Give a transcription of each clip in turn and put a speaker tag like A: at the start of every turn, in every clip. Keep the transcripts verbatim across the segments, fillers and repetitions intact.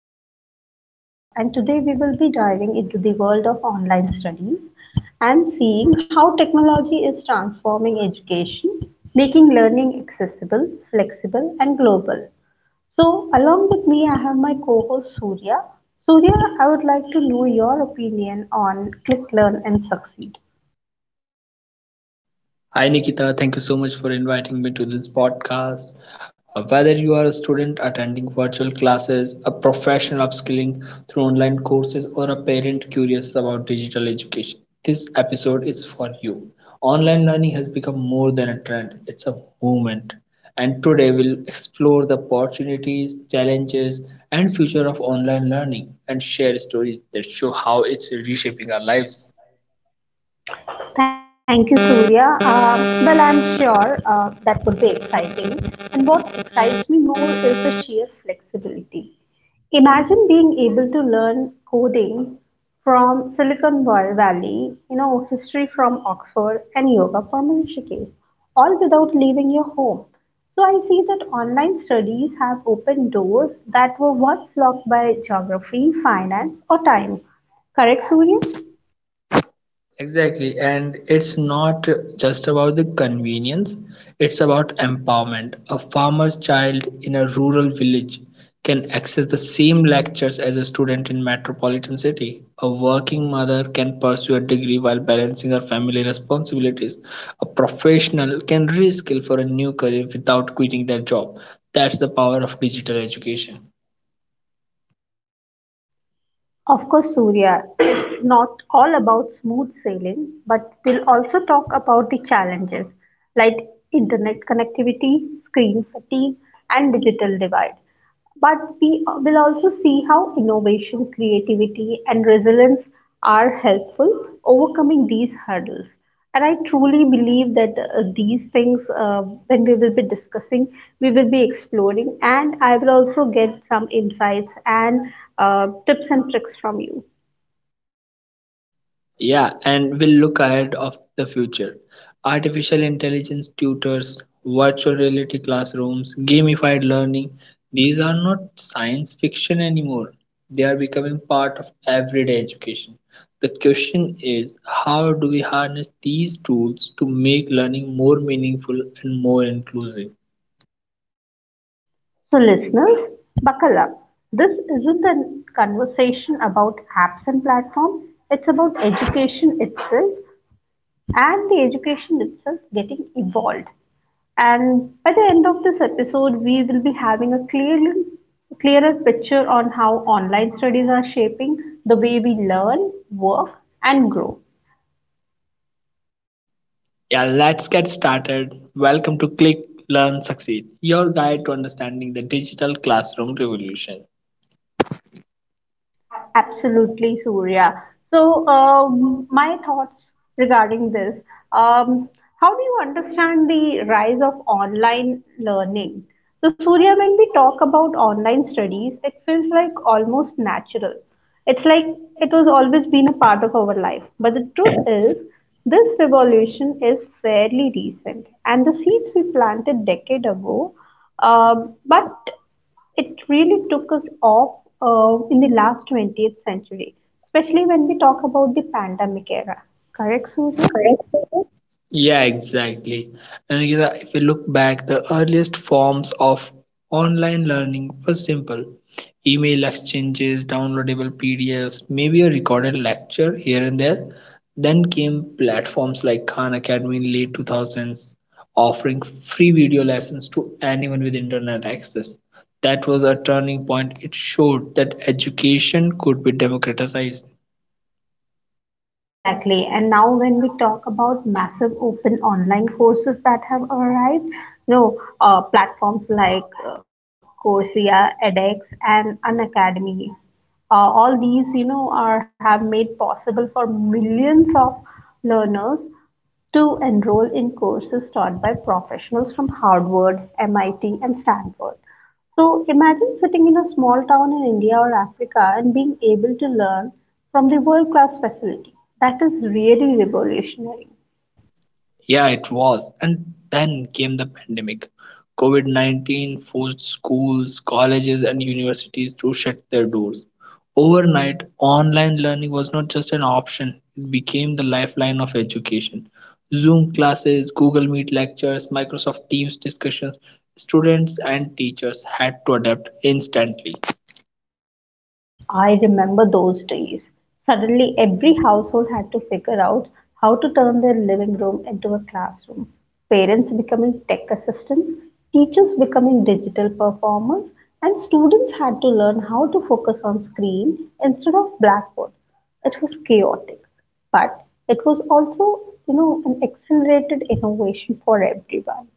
A: I'm your host Nikita and today we will be diving into the world of online studies and seeing how technology is transforming education, making learning accessible, flexible and global. So along with me I have my co-host Surya. Surya, I would like to know your opinion on Click, Learn and Succeed.
B: Hi Nikita, thank you so much for inviting me to this podcast. Uh, Whether you are a student attending virtual classes, a professional upskilling through online courses, or a parent curious about digital education, this episode is for you. Online learning has become more than a trend, it's a movement. And today we'll explore the opportunities, challenges, and future of online learning and share stories that show how it's reshaping our lives.
A: Thank you, Surya. Uh, well, I'm sure uh, that would be exciting. And what excites me more is the sheer flexibility. Imagine being able to learn coding from Silicon Valley, you know, history from Oxford, and yoga from Rishikesh, all without leaving your home. So I see that online studies have opened doors that were once locked by geography, finance, or time. Correct, Surya?
B: Exactly. And it's not just about the convenience, it's about empowerment. A farmer's child in a rural village can access the same lectures as a student in metropolitan city. A working mother can pursue a degree while balancing her family responsibilities. A professional can reskill for a new career without quitting their job. That's the power of digital education.
A: Of course, Surya, it's not all about smooth sailing, but we'll also talk about the challenges like internet connectivity, screen fatigue, and digital divide. But we will also see how innovation, creativity, and resilience are helpful overcoming these hurdles, and I truly believe that uh, these things uh, when we will be discussing, we will be exploring, and I will also get some insights and uh, tips and tricks from you.
B: Yeah, and we'll look ahead of the future. Artificial intelligence tutors, virtual reality classrooms, gamified learning, these are not science fiction anymore. They are becoming part of everyday education. The question is, how do we harness these tools to make learning more meaningful and more inclusive?
A: So listeners, buckle up, this isn't a conversation about apps and platforms, it's about education itself, and the education itself getting evolved. And by the end of this episode, we will be having a clearly clearer picture on how online studies are shaping the way we learn, work, and grow.
B: Yeah, let's get started. Welcome to Click, Learn, Succeed, your guide to understanding the digital classroom revolution.
A: Absolutely, Surya. So, um, my thoughts regarding this. Um, how do you understand the rise of online learning? So, Surya, when we talk about online studies, it feels like almost natural. It's like it was always been a part of our life. But the truth is, this revolution is fairly recent, and the seeds we planted decade ago, um, but it really took us off uh, in the last twentieth century, especially when we talk about the pandemic era. Correct, Surya?
B: Yeah, exactly. And you know, if we look back, the earliest forms of online learning were simple. Email exchanges, downloadable P D Fs, maybe a recorded lecture here and there. Then came platforms like Khan Academy in late two thousands, offering free video lessons to anyone with internet access. That was a turning point. It showed that education could be democratized.
A: Exactly. And now, when we talk about massive open online courses that have arrived, you know, uh, platforms like uh, Coursera, edX, and Unacademy, uh, all these, you know, are have made possible for millions of learners to enroll in courses taught by professionals from Harvard, M I T, and Stanford. So imagine sitting in a small town in India or Africa and being able to learn from the world class facility. That is really revolutionary.
B: Yeah, it was. And then came the pandemic. COVID nineteen forced schools, colleges, and universities to shut their doors. Overnight, online learning was not just an option, it became the lifeline of education. Zoom classes, Google Meet lectures, Microsoft Teams discussions, students and teachers had to adapt instantly.
A: I remember those days. Suddenly, every household had to figure out how to turn their living room into a classroom. Parents becoming tech assistants, teachers becoming digital performers, and students had to learn how to focus on screen instead of blackboard. It was chaotic, but it was also you know, an accelerated innovation for everyone.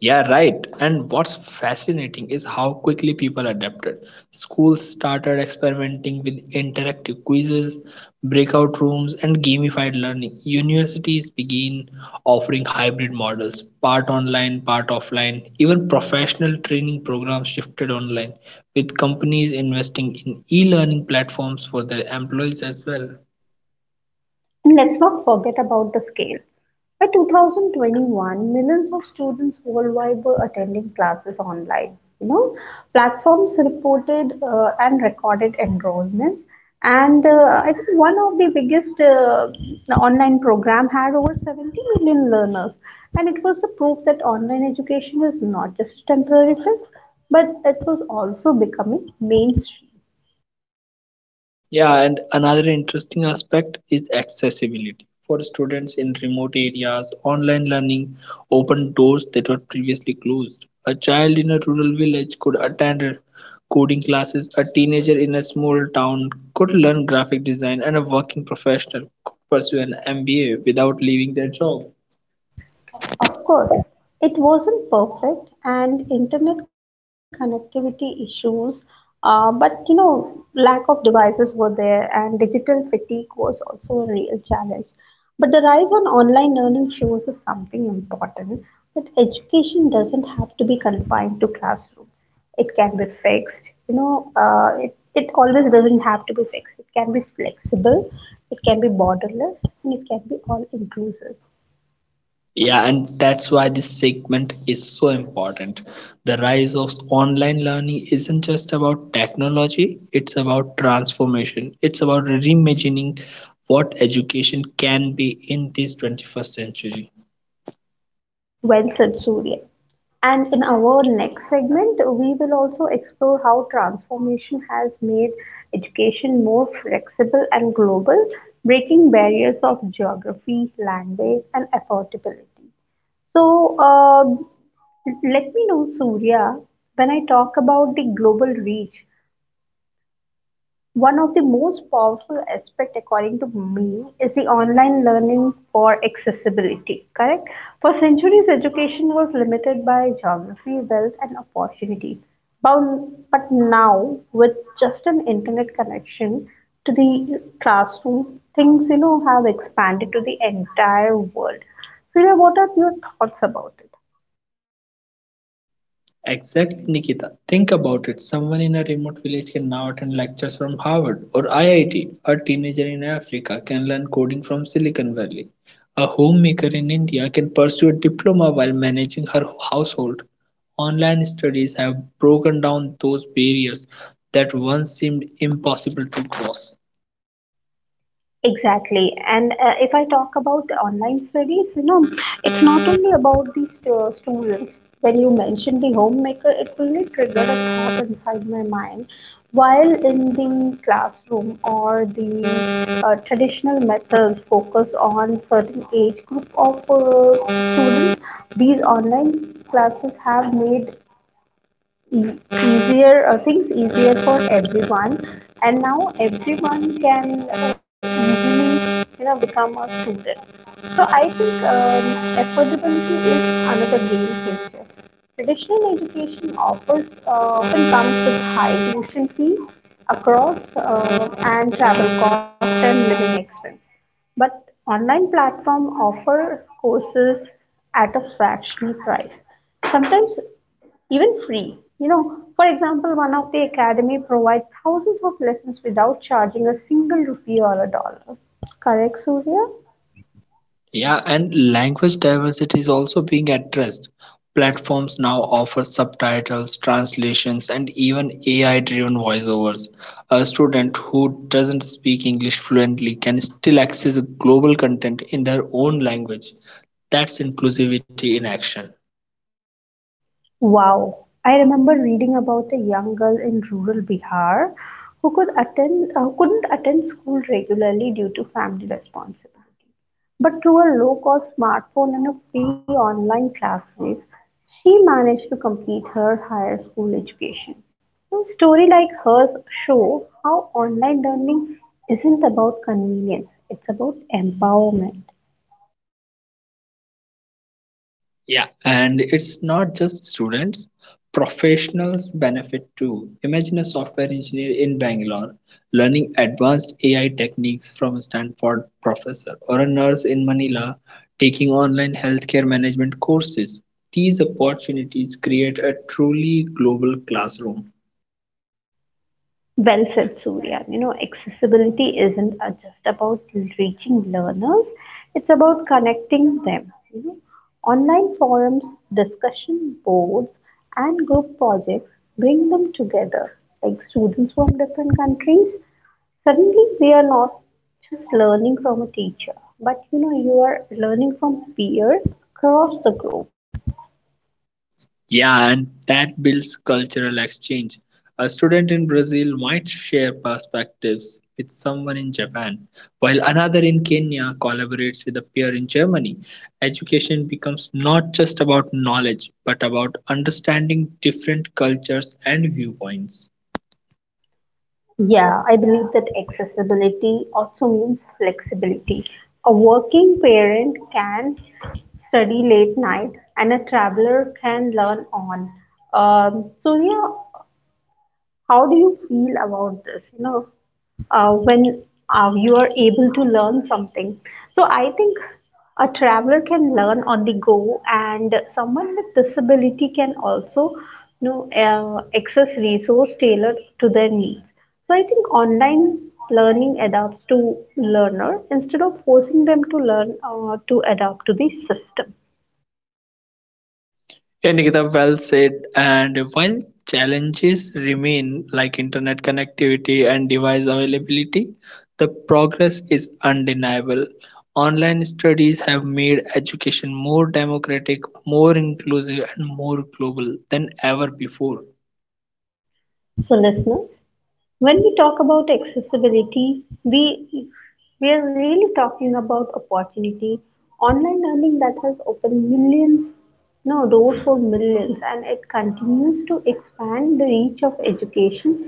B: Yeah, right. And what's fascinating is how quickly people adapted. Schools started experimenting with interactive quizzes, breakout rooms, and gamified learning. Universities began offering hybrid models, part online, part offline. Even professional training programs shifted online, with companies investing in e learning platforms for their employees as well.
A: And let's not forget about the scale. By two thousand twenty-one, millions of students worldwide were attending classes online. You know, platforms reported uh, and recorded enrollments, and uh, I think one of the biggest uh, online program had over seventy million learners, and it was the proof that online education is not just a temporary fix, but it was also becoming mainstream.
B: Yeah, and another interesting aspect is accessibility. For students in remote areas, online learning opened doors that were previously closed. A child in a rural village could attend coding classes, a teenager in a small town could learn graphic design, and a working professional could pursue an M B A without leaving their job.
A: Of course, it wasn't perfect, and internet connectivity issues, uh, but you know, lack of devices were there, and digital fatigue was also a real challenge. But the rise on online learning shows us something important, that education doesn't have to be confined to classroom. It can be fixed, you know, uh, it, it always doesn't have to be fixed. It can be flexible, it can be borderless, and it can be all inclusive.
B: Yeah, and that's why this segment is so important. The rise of online learning isn't just about technology, it's about transformation. It's about reimagining what education can be in this twenty-first century.
A: Well said, Surya. And in our next segment, we will also explore how transformation has made education more flexible and global, breaking barriers of geography, language, and affordability. So, um let me know, Surya, when I talk about the global reach, one of the most powerful aspect, according to me, is the online learning for accessibility. Correct? For centuries, education was limited by geography, wealth, and opportunity. Bound- But now, with just an internet connection to the classroom, things you know have expanded to the entire world. So you know, what are your thoughts about it?
B: Exactly, Nikita. Think about it. Someone in a remote village can now attend lectures from Harvard or I I T. A teenager in Africa can learn coding from Silicon Valley. A homemaker in India can pursue a diploma while managing her household. Online studies have broken down those barriers that once seemed impossible to cross.
A: Exactly. And uh, if I talk about online studies, you know, it's not only about the stu- students. When you mentioned the homemaker, it really triggered a thought inside my mind. While in the classroom or the uh, traditional methods focus on certain age group of uh, students, these online classes have made e- easier uh, things easier for everyone, and now everyone can uh, easily you know become a student. So I think um, affordability is another game changer. Traditional education offers uh, often comes with high tuition fees across uh, and travel costs and living expense. But online platform offers courses at a fractional price, sometimes even free. You know, for example, one of the academy provides thousands of lessons without charging a single rupee or a dollar. Correct, Surya?
B: Yeah, and language diversity is also being addressed. Platforms now offer subtitles, translations, and even A I driven voiceovers. A student who doesn't speak English fluently can still access global content in their own language. That's inclusivity in action.
A: Wow, I remember reading about a young girl in rural Bihar who could attend uh, couldn't attend school regularly due to family responsibility. But through a low-cost smartphone and a free online classes, she managed to complete her higher school education. So story like hers show how online learning isn't about convenience, it's about empowerment.
B: Yeah, and it's not just students, professionals benefit too. Imagine a software engineer in Bangalore learning advanced A I techniques from a Stanford professor, or a nurse in Manila taking online healthcare management courses. These opportunities create a truly global classroom.
A: Well said, Surya. You know, accessibility isn't uh, just about reaching learners, it's about connecting them. You know, online forums, discussion boards, and group projects bring them together. Like students from different countries, suddenly we are not just learning from a teacher, but you know, you are learning from peers across the group.
B: Yeah, and that builds cultural exchange. A student in Brazil might share perspectives with someone in Japan, while another in Kenya collaborates with a peer in Germany. Education becomes not just about knowledge, but about understanding different cultures and viewpoints.
A: Yeah, I believe that accessibility also means flexibility. A working parent can study late night, and a traveler can learn on. Um, so, yeah, how do you feel about this you know uh, when uh, you are able to learn something so I think a traveler can learn on the go, and someone with disability can also you know uh, access resource tailored to their needs. So I think online learning adapts to learner instead of forcing them to learn uh, to adapt to the system.
B: Yeah, Nikita, well said. And while challenges remain, like internet connectivity and device availability, the progress is undeniable. Online studies have made education more democratic, more inclusive, and more global than ever before.
A: So listeners, when we talk about accessibility, we we are really talking about opportunity. Online learning that has opened millions, no doors for millions, and it continues to expand the reach of education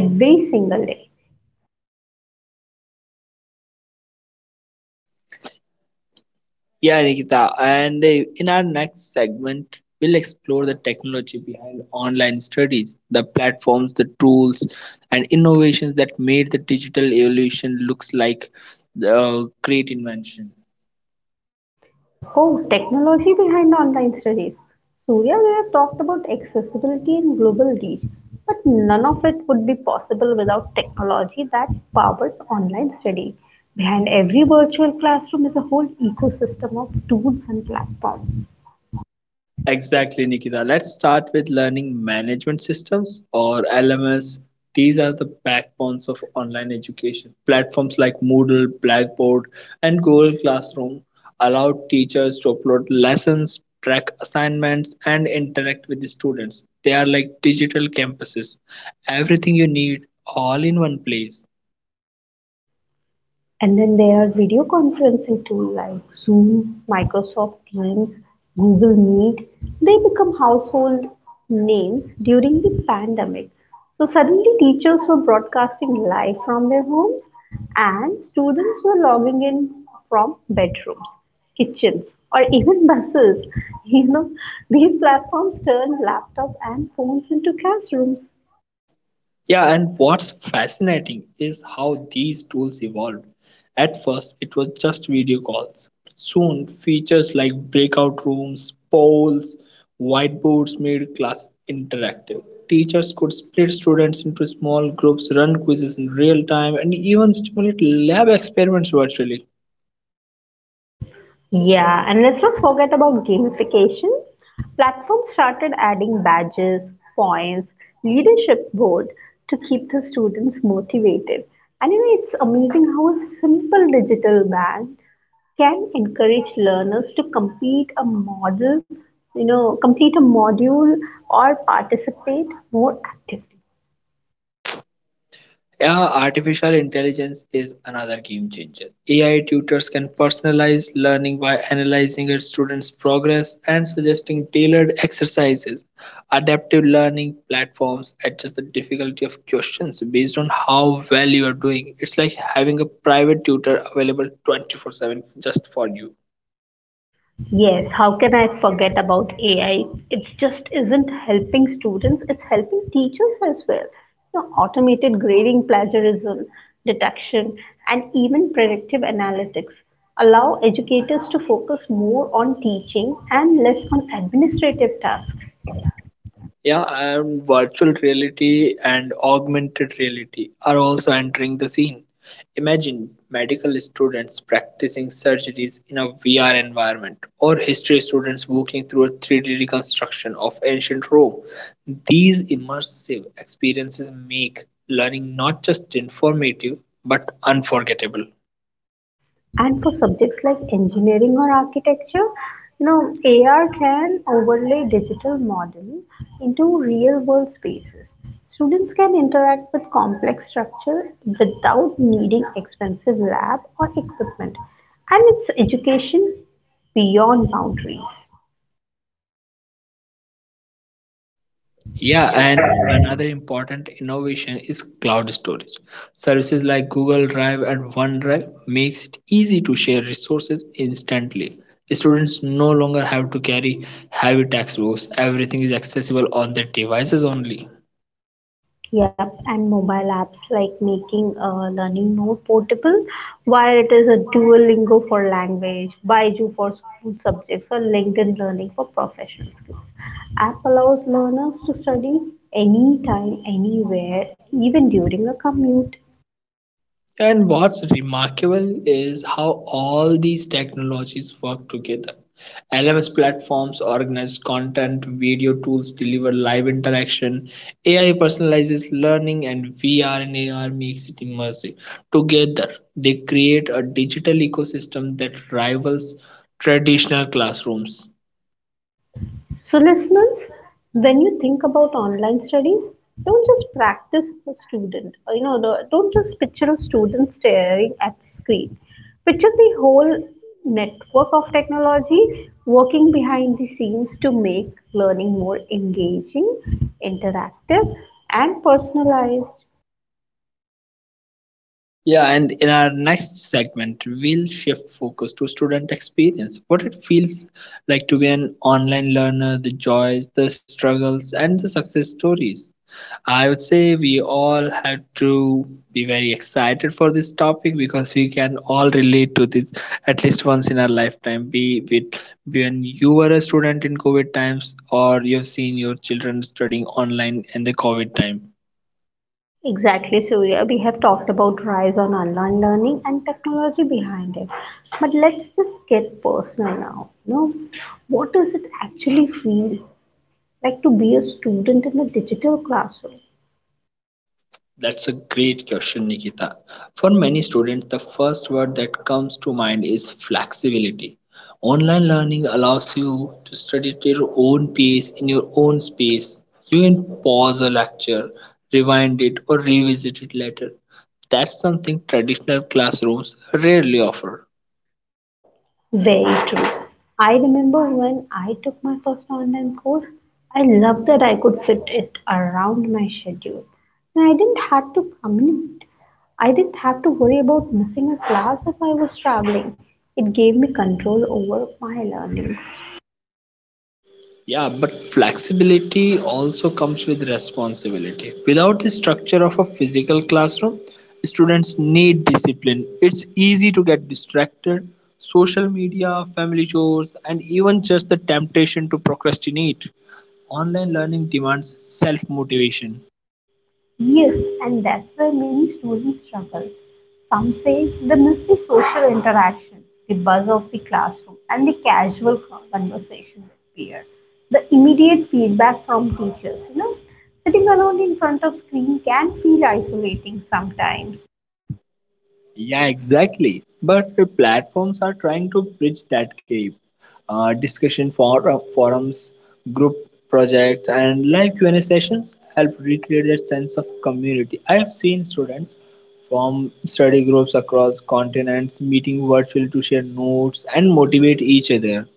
A: every single day.
B: Yeah, Nikita. And uh, in our next segment, we'll explore the technology behind online studies, the platforms, the tools, and innovations that made the digital evolution looks like a great invention.
A: Oh, technology behind online studies. Surya, we have talked about accessibility and global reach, but none of it would be possible without technology that powers online study. Behind every virtual classroom is a whole ecosystem of tools and platforms.
B: Exactly, Nikita. Let's start with learning management systems, or L M S. These are the backbones of online education. Platforms like Moodle, Blackboard, and Google Classroom allow teachers to upload lessons, track assignments, and interact with the students. They are like digital campuses. Everything you need all in one place.
A: And then there are video conferencing tools like Zoom, Microsoft Teams, Google Meet. They become household names during the pandemic. So suddenly teachers were broadcasting live from their homes, and students were logging in from bedrooms, kitchens, or even buses. You know, these platforms turned laptops and phones into classrooms.
B: Yeah, and what's fascinating is how these tools evolved. At first, it was just video calls. Soon, features like breakout rooms, polls, whiteboards made class interactive. Teachers could split students into small groups, run quizzes in real time, and even stimulate lab experiments virtually.
A: Yeah, and let's not forget about gamification. Platforms started adding badges, points, leadership board to keep the students motivated. And you know, it's amazing how a simple digital ban can encourage learners to complete a model, you know, complete a module or participate more actively.
B: Yeah, artificial intelligence is another game changer. A I tutors can personalize learning by analyzing a student's progress and suggesting tailored exercises. Adaptive learning platforms adjust the difficulty of questions based on how well you are doing. It's like having a private tutor available twenty-four seven just for you.
A: Yes, how can I forget about A I? It just isn't helping students, it's helping teachers as well. You know, automated grading, plagiarism detection, and even predictive analytics allow educators to focus more on teaching and less on administrative tasks.
B: Yeah, and virtual reality and augmented reality are also entering the scene. Imagine medical students practicing surgeries in a V R environment, or history students walking through a three D reconstruction of ancient Rome. These immersive experiences make learning not just informative but unforgettable.
A: And for subjects like engineering or architecture, you know, A R can overlay digital model into real world spaces. Students can interact with complex structure without needing expensive lab or equipment. And it's education beyond boundaries.
B: Yeah, and another important innovation is cloud storage. Services like Google Drive and OneDrive makes it easy to share resources instantly. Students no longer have to carry heavy textbooks. Everything is accessible on their devices only.
A: Yep, and mobile apps like making uh, learning more portable, while it is a Duolingo for language, Baiju for school subjects, or LinkedIn Learning for professional skills. App allows learners to study anytime, anywhere, even during a commute.
B: And what's remarkable is how all these technologies work together. L M S platforms organize content, video tools deliver live interaction, A I personalizes learning, and V R and A R makes it immersive. Together, they create a digital ecosystem that rivals traditional classrooms.
A: So, listeners, when you think about online studies, don't just practice a student. Uh, You know, the- don't just picture a student staring at the screen. Picture the whole network of technology working behind the scenes to make learning more engaging, interactive, and personalized.
B: Yeah, and in our next segment, we'll shift focus to student experience. What it feels like to be an online learner, the joys, the struggles, and the success stories. I would say we all have to be very excited for this topic because we can all relate to this at least once in our lifetime. Be be it when you were a student in COVID times, or you've seen your children studying online in the COVID time.
A: Exactly, Surya. We have talked about rise on online learning and technology behind it. But let's just get personal now. You know, what does it actually feel like to be a student in a digital classroom?
B: That's a great question, Nikita. For many students, the first word that comes to mind is flexibility. Online learning allows you to study at your own pace in your own space. You can pause a lecture, rewind it, or revisit it later. That's something traditional classrooms rarely offer.
A: Very true. I remember when I took my first online course, I loved that I could fit it around my schedule. And I didn't have to commute. I didn't have to worry about missing a class if I was traveling. It gave me control over my learning.
B: Yeah, but flexibility also comes with responsibility. Without the structure of a physical classroom, students need discipline. It's easy to get distracted, social media, family chores, and even just the temptation to procrastinate. Online learning demands self motivation.
A: Yes, and that's where many students struggle. Some say they miss the social interaction, the buzz of the classroom, and the casual conversation with peers. The immediate feedback from teachers, you know, sitting alone in front of screen can feel isolating sometimes.
B: Yeah, exactly. But the platforms are trying to bridge that gap. Uh, discussion for, uh, forums, group projects, and live Q and A sessions help recreate that sense of community. I have seen students from study groups across continents meeting virtually to share notes and motivate each other.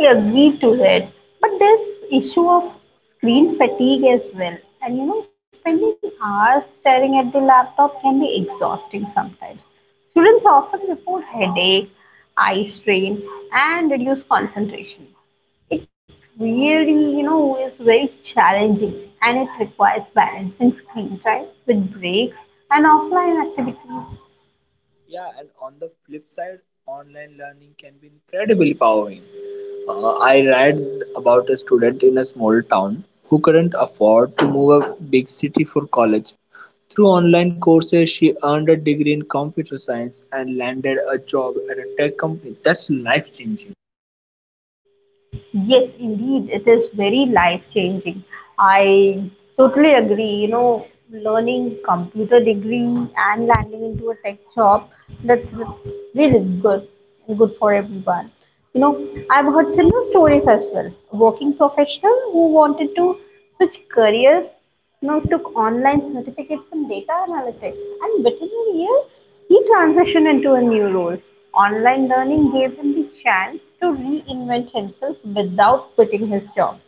A: I agree to it, but there's issue of screen fatigue as well. And you know, spending hours staring at the laptop can be exhausting sometimes. Students often report headache, eye strain, and reduced concentration. It really, you know, is very challenging, and it requires balancing screen time with breaks and offline activities.
B: Yeah, and on the flip side, online learning can be incredibly empowering. Uh, I read about a student in a small town who couldn't afford to move a big city for college. Through online courses, she earned a degree in computer science and landed a job at a tech company. That's life changing.
A: Yes, indeed, it is very life changing. I totally agree. You know, learning computer degree and landing into a tech job, that's, that's really good and good for everyone. You know, I've heard similar stories as well. Working professional who wanted to switch career now took online certificates in data analytics, and within a year, he transitioned into a new role. Online learning gave him the chance to reinvent himself without quitting his job.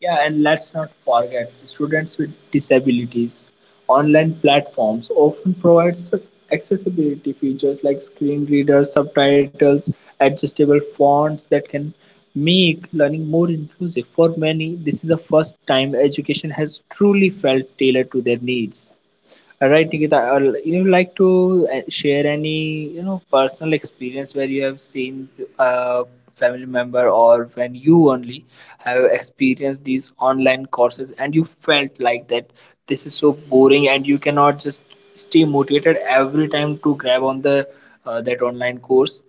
B: Yeah, and let's not forget students with disabilities. Online platforms often provides accessibility features like screen readers, subtitles, adjustable fonts that can make learning more inclusive. For many, this is the first time education has truly felt tailored to their needs. All right, Nikita, uh, you would like to uh, share any, you know, personal experience where you have seen a family member or when you only have experienced these online courses and you felt like that this is so boring and you cannot just stay motivated every time to grab on the uh, that online course.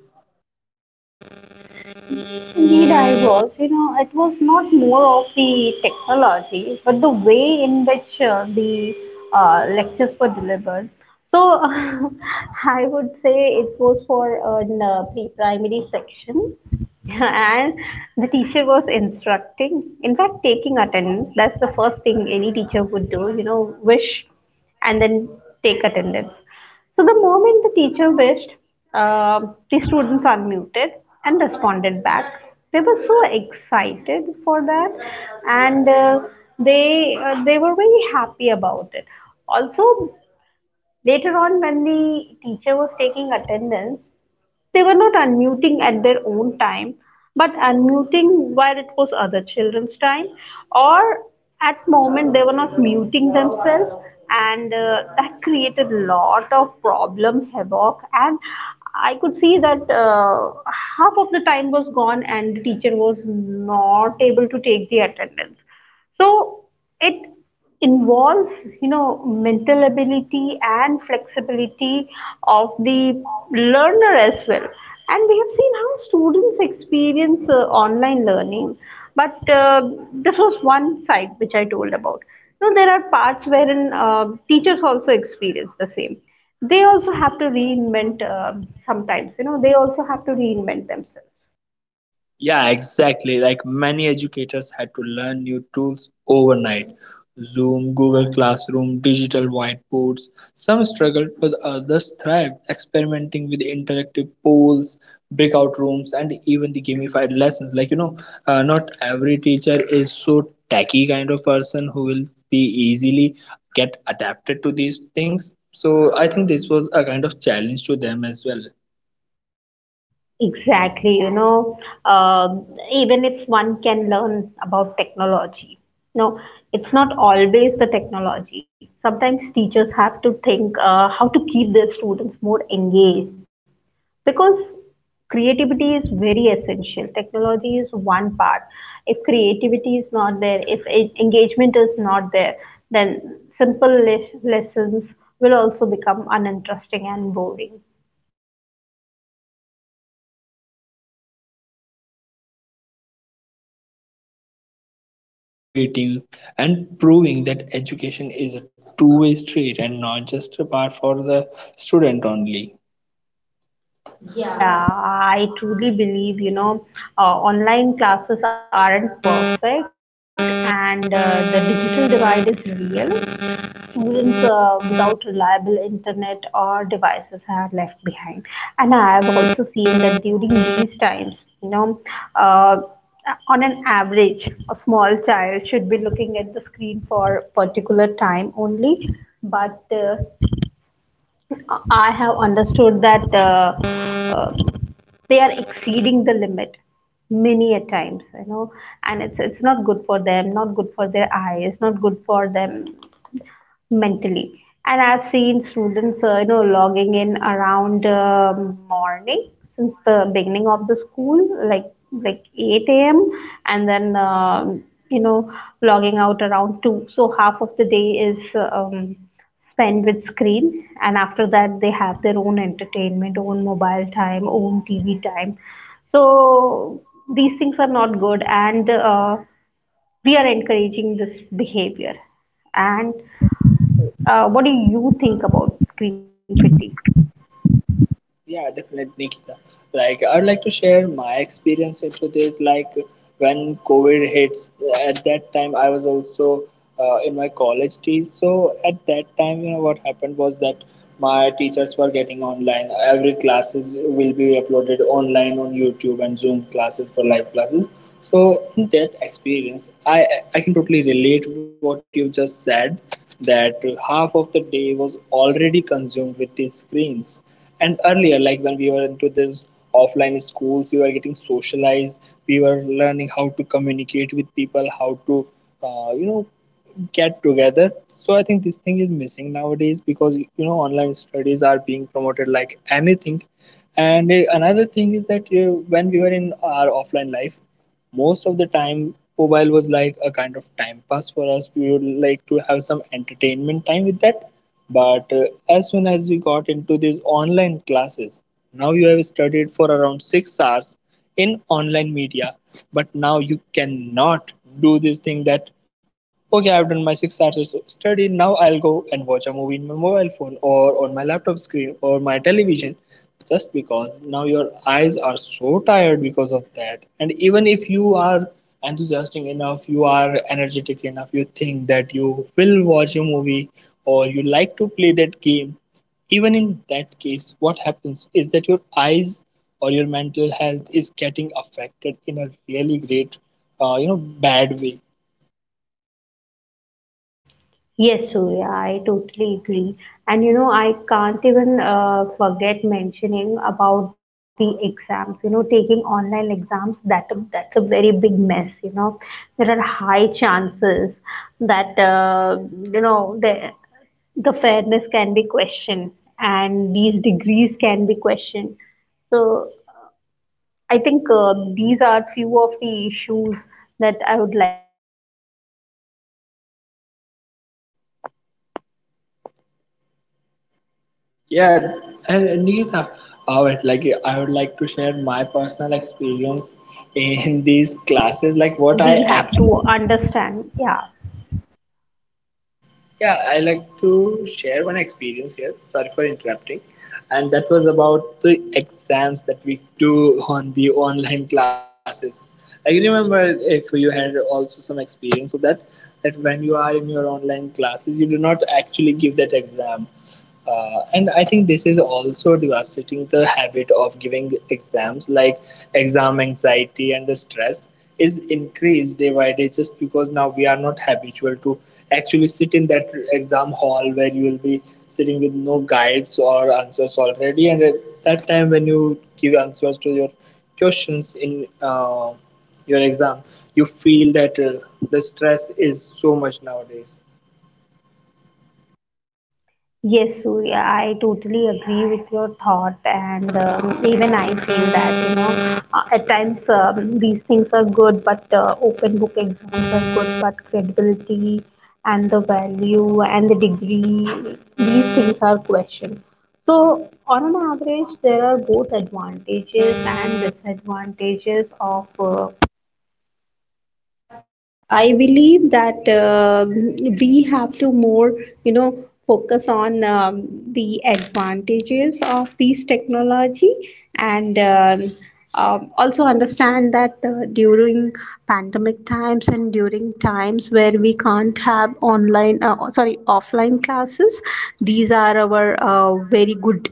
A: Indeed, I was. You know, it was not more of the technology, but the way in which uh, the uh, lectures were delivered. So, I would say it was for an uh, pre-primary section, and the teacher was instructing. In fact, taking attendance. That's the first thing any teacher would do. You know, wish and then take attendance. So the moment the teacher wished, um the students unmuted and responded back. They were so excited for that, and uh, they uh, they were very happy about it. Also, later on, when the teacher was taking attendance, they were not unmuting at their own time, but unmuting while it was other children's time, or at moment they were not muting themselves, and uh, that created a lot of problem havoc. And I could see that uh, half of the time was gone, and the teacher was not able to take the attendance. So it involves, you know, mental ability and flexibility of the learner as well. And we have seen how students experience uh, online learning. But uh, this was one side which I told about. Now there are parts wherein uh, teachers also experience the same. They also have to reinvent uh, sometimes. You know, they also have to reinvent themselves.
B: Yeah, exactly. Like, many educators had to learn new tools overnight, Zoom, Google Classroom, digital whiteboards. Some struggled, but others thrived, experimenting with interactive polls, breakout rooms, and even the gamified lessons. Like, you know, uh, not every teacher is so techy kind of person who will be easily get adapted to these things. So I think this was a kind of challenge to them as well.
A: Exactly, you know, um, even if one can learn about technology, no, it's not always the technology. Sometimes teachers have to think uh, how to keep their students more engaged, because creativity is very essential. Technology is one part. If creativity is not there, if e- engagement is not there, then simple le- lessons will also become uninteresting and boring.
B: Yeah, right. And in many ways, teachers became learners too, adapting, innovating, and proving that education is a two way street and not just a part for the student only.
A: Yeah, I truly believe, you know, uh, online classes aren't perfect, and uh, the digital divide is real. Students uh, without reliable internet or devices are left behind. And I have also seen that during these times, you know, uh, on an average, a small child should be looking at the screen for a particular time only. But uh, I have understood that uh, uh, they are exceeding the limit many a times, you know, and it's it's not good for them, not good for their eyes, not good for them mentally. And I've seen students, uh, you know, logging in around um morning since the beginning of the school, like like eight a m, and then um you know, logging out around two. So half of the day is um, spent with screen, and after that they have their own entertainment, own mobile time, own T V time. So these things are not good, and uh, we are encouraging this behavior. And uh, what do you think about screen fatigue?
B: Yeah, definitely, Nikita. Like, I'd like to share my experience into this. Like, when COVID hits, at that time, I was also uh, in my college days. So, at that time, you know, what happened was that my teachers were getting online. Every classes will be uploaded online on YouTube and Zoom classes for live classes. So, in that experience, I I can totally relate what you just said. That half of the day was already consumed with these screens, and earlier, like when we were into this offline schools, we were getting socialized, we were learning how to communicate with people, how to uh, you know get together. So I think this thing is missing nowadays, because you know, online studies are being promoted like anything. And uh, another thing is that, uh, when we were in our offline life, most of the time mobile was like a kind of time pass for us. We would like to have some entertainment time with that. But uh, as soon as we got into these online classes, now you have studied for around six hours in online media, but now you cannot do this thing that, okay, I've done my six hours of study, now I'll go and watch a movie in my mobile phone or on my laptop screen or my television, just because now your eyes are so tired because of that. And even if you are enthusiastic enough, you are energetic enough, you think that you will watch a movie or you like to play that game, even in that case what happens is that your eyes or your mental health is getting affected in a really great uh, you know bad way.
A: Yes, Surya, I totally agree. And you know, I can't even uh, forget mentioning about the exams. You know, taking online exams, that that's a very big mess. You know, there are high chances that, uh, you know, the the fairness can be questioned, and these degrees can be questioned. So I think uh, these are few of the issues that I would like to bring upon, um, in front of our uh, listeners.
B: Yeah,
A: And
B: and and Neeta,
A: um,
B: I would like
A: also,
B: I would like
A: Surya,
B: to share
A: I
B: my personal
A: believe that
B: experience
A: uh,
B: in
A: sometimes
B: these classes. Like, what I
A: we have
B: actually,
A: to understand, yeah.
B: yeah, I like to share one experience here. Sorry for interrupting, and that was about the exams that we do on the online classes. I remember if you had also some experience of that, that when you are in your online classes, you do not actually give that exam. Uh, and I think this is also devastating the habit of giving exams, like exam anxiety and the stress is increased day by day, just because now we are not habitual to actually sit in that exam hall where you will be sitting with no guides or answers already. And at that time, when you give answers to your questions in uh, your exam, you feel that uh, the stress is so much nowadays.
A: Yes, Surya, I totally agree with your thought, and um, even I feel that you know uh, at times um, these things are good, but uh, open book exams are good, but credibility and the value and the degree, these things are questioned. So on an average, there are both advantages and disadvantages of uh, I believe that um we have to more, you know, focus on um, the advantages of these technology, and um, um, also understand that uh, during pandemic times and during times where we can't have online, uh, sorry, offline classes, these are our uh, very good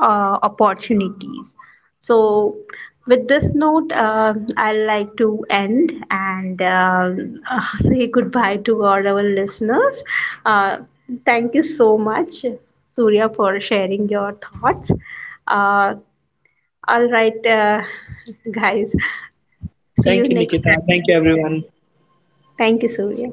A: uh, opportunities. So, with this note, uh, I like to end and um say goodbye to all our listeners. Uh, thank you so much, Surya, for sharing your thoughts. Uh, all right, uh, guys, see you
B: Thank you,
A: next
B: Nikita.
A: time.
B: Thank you, everyone.
A: Thank you, Surya.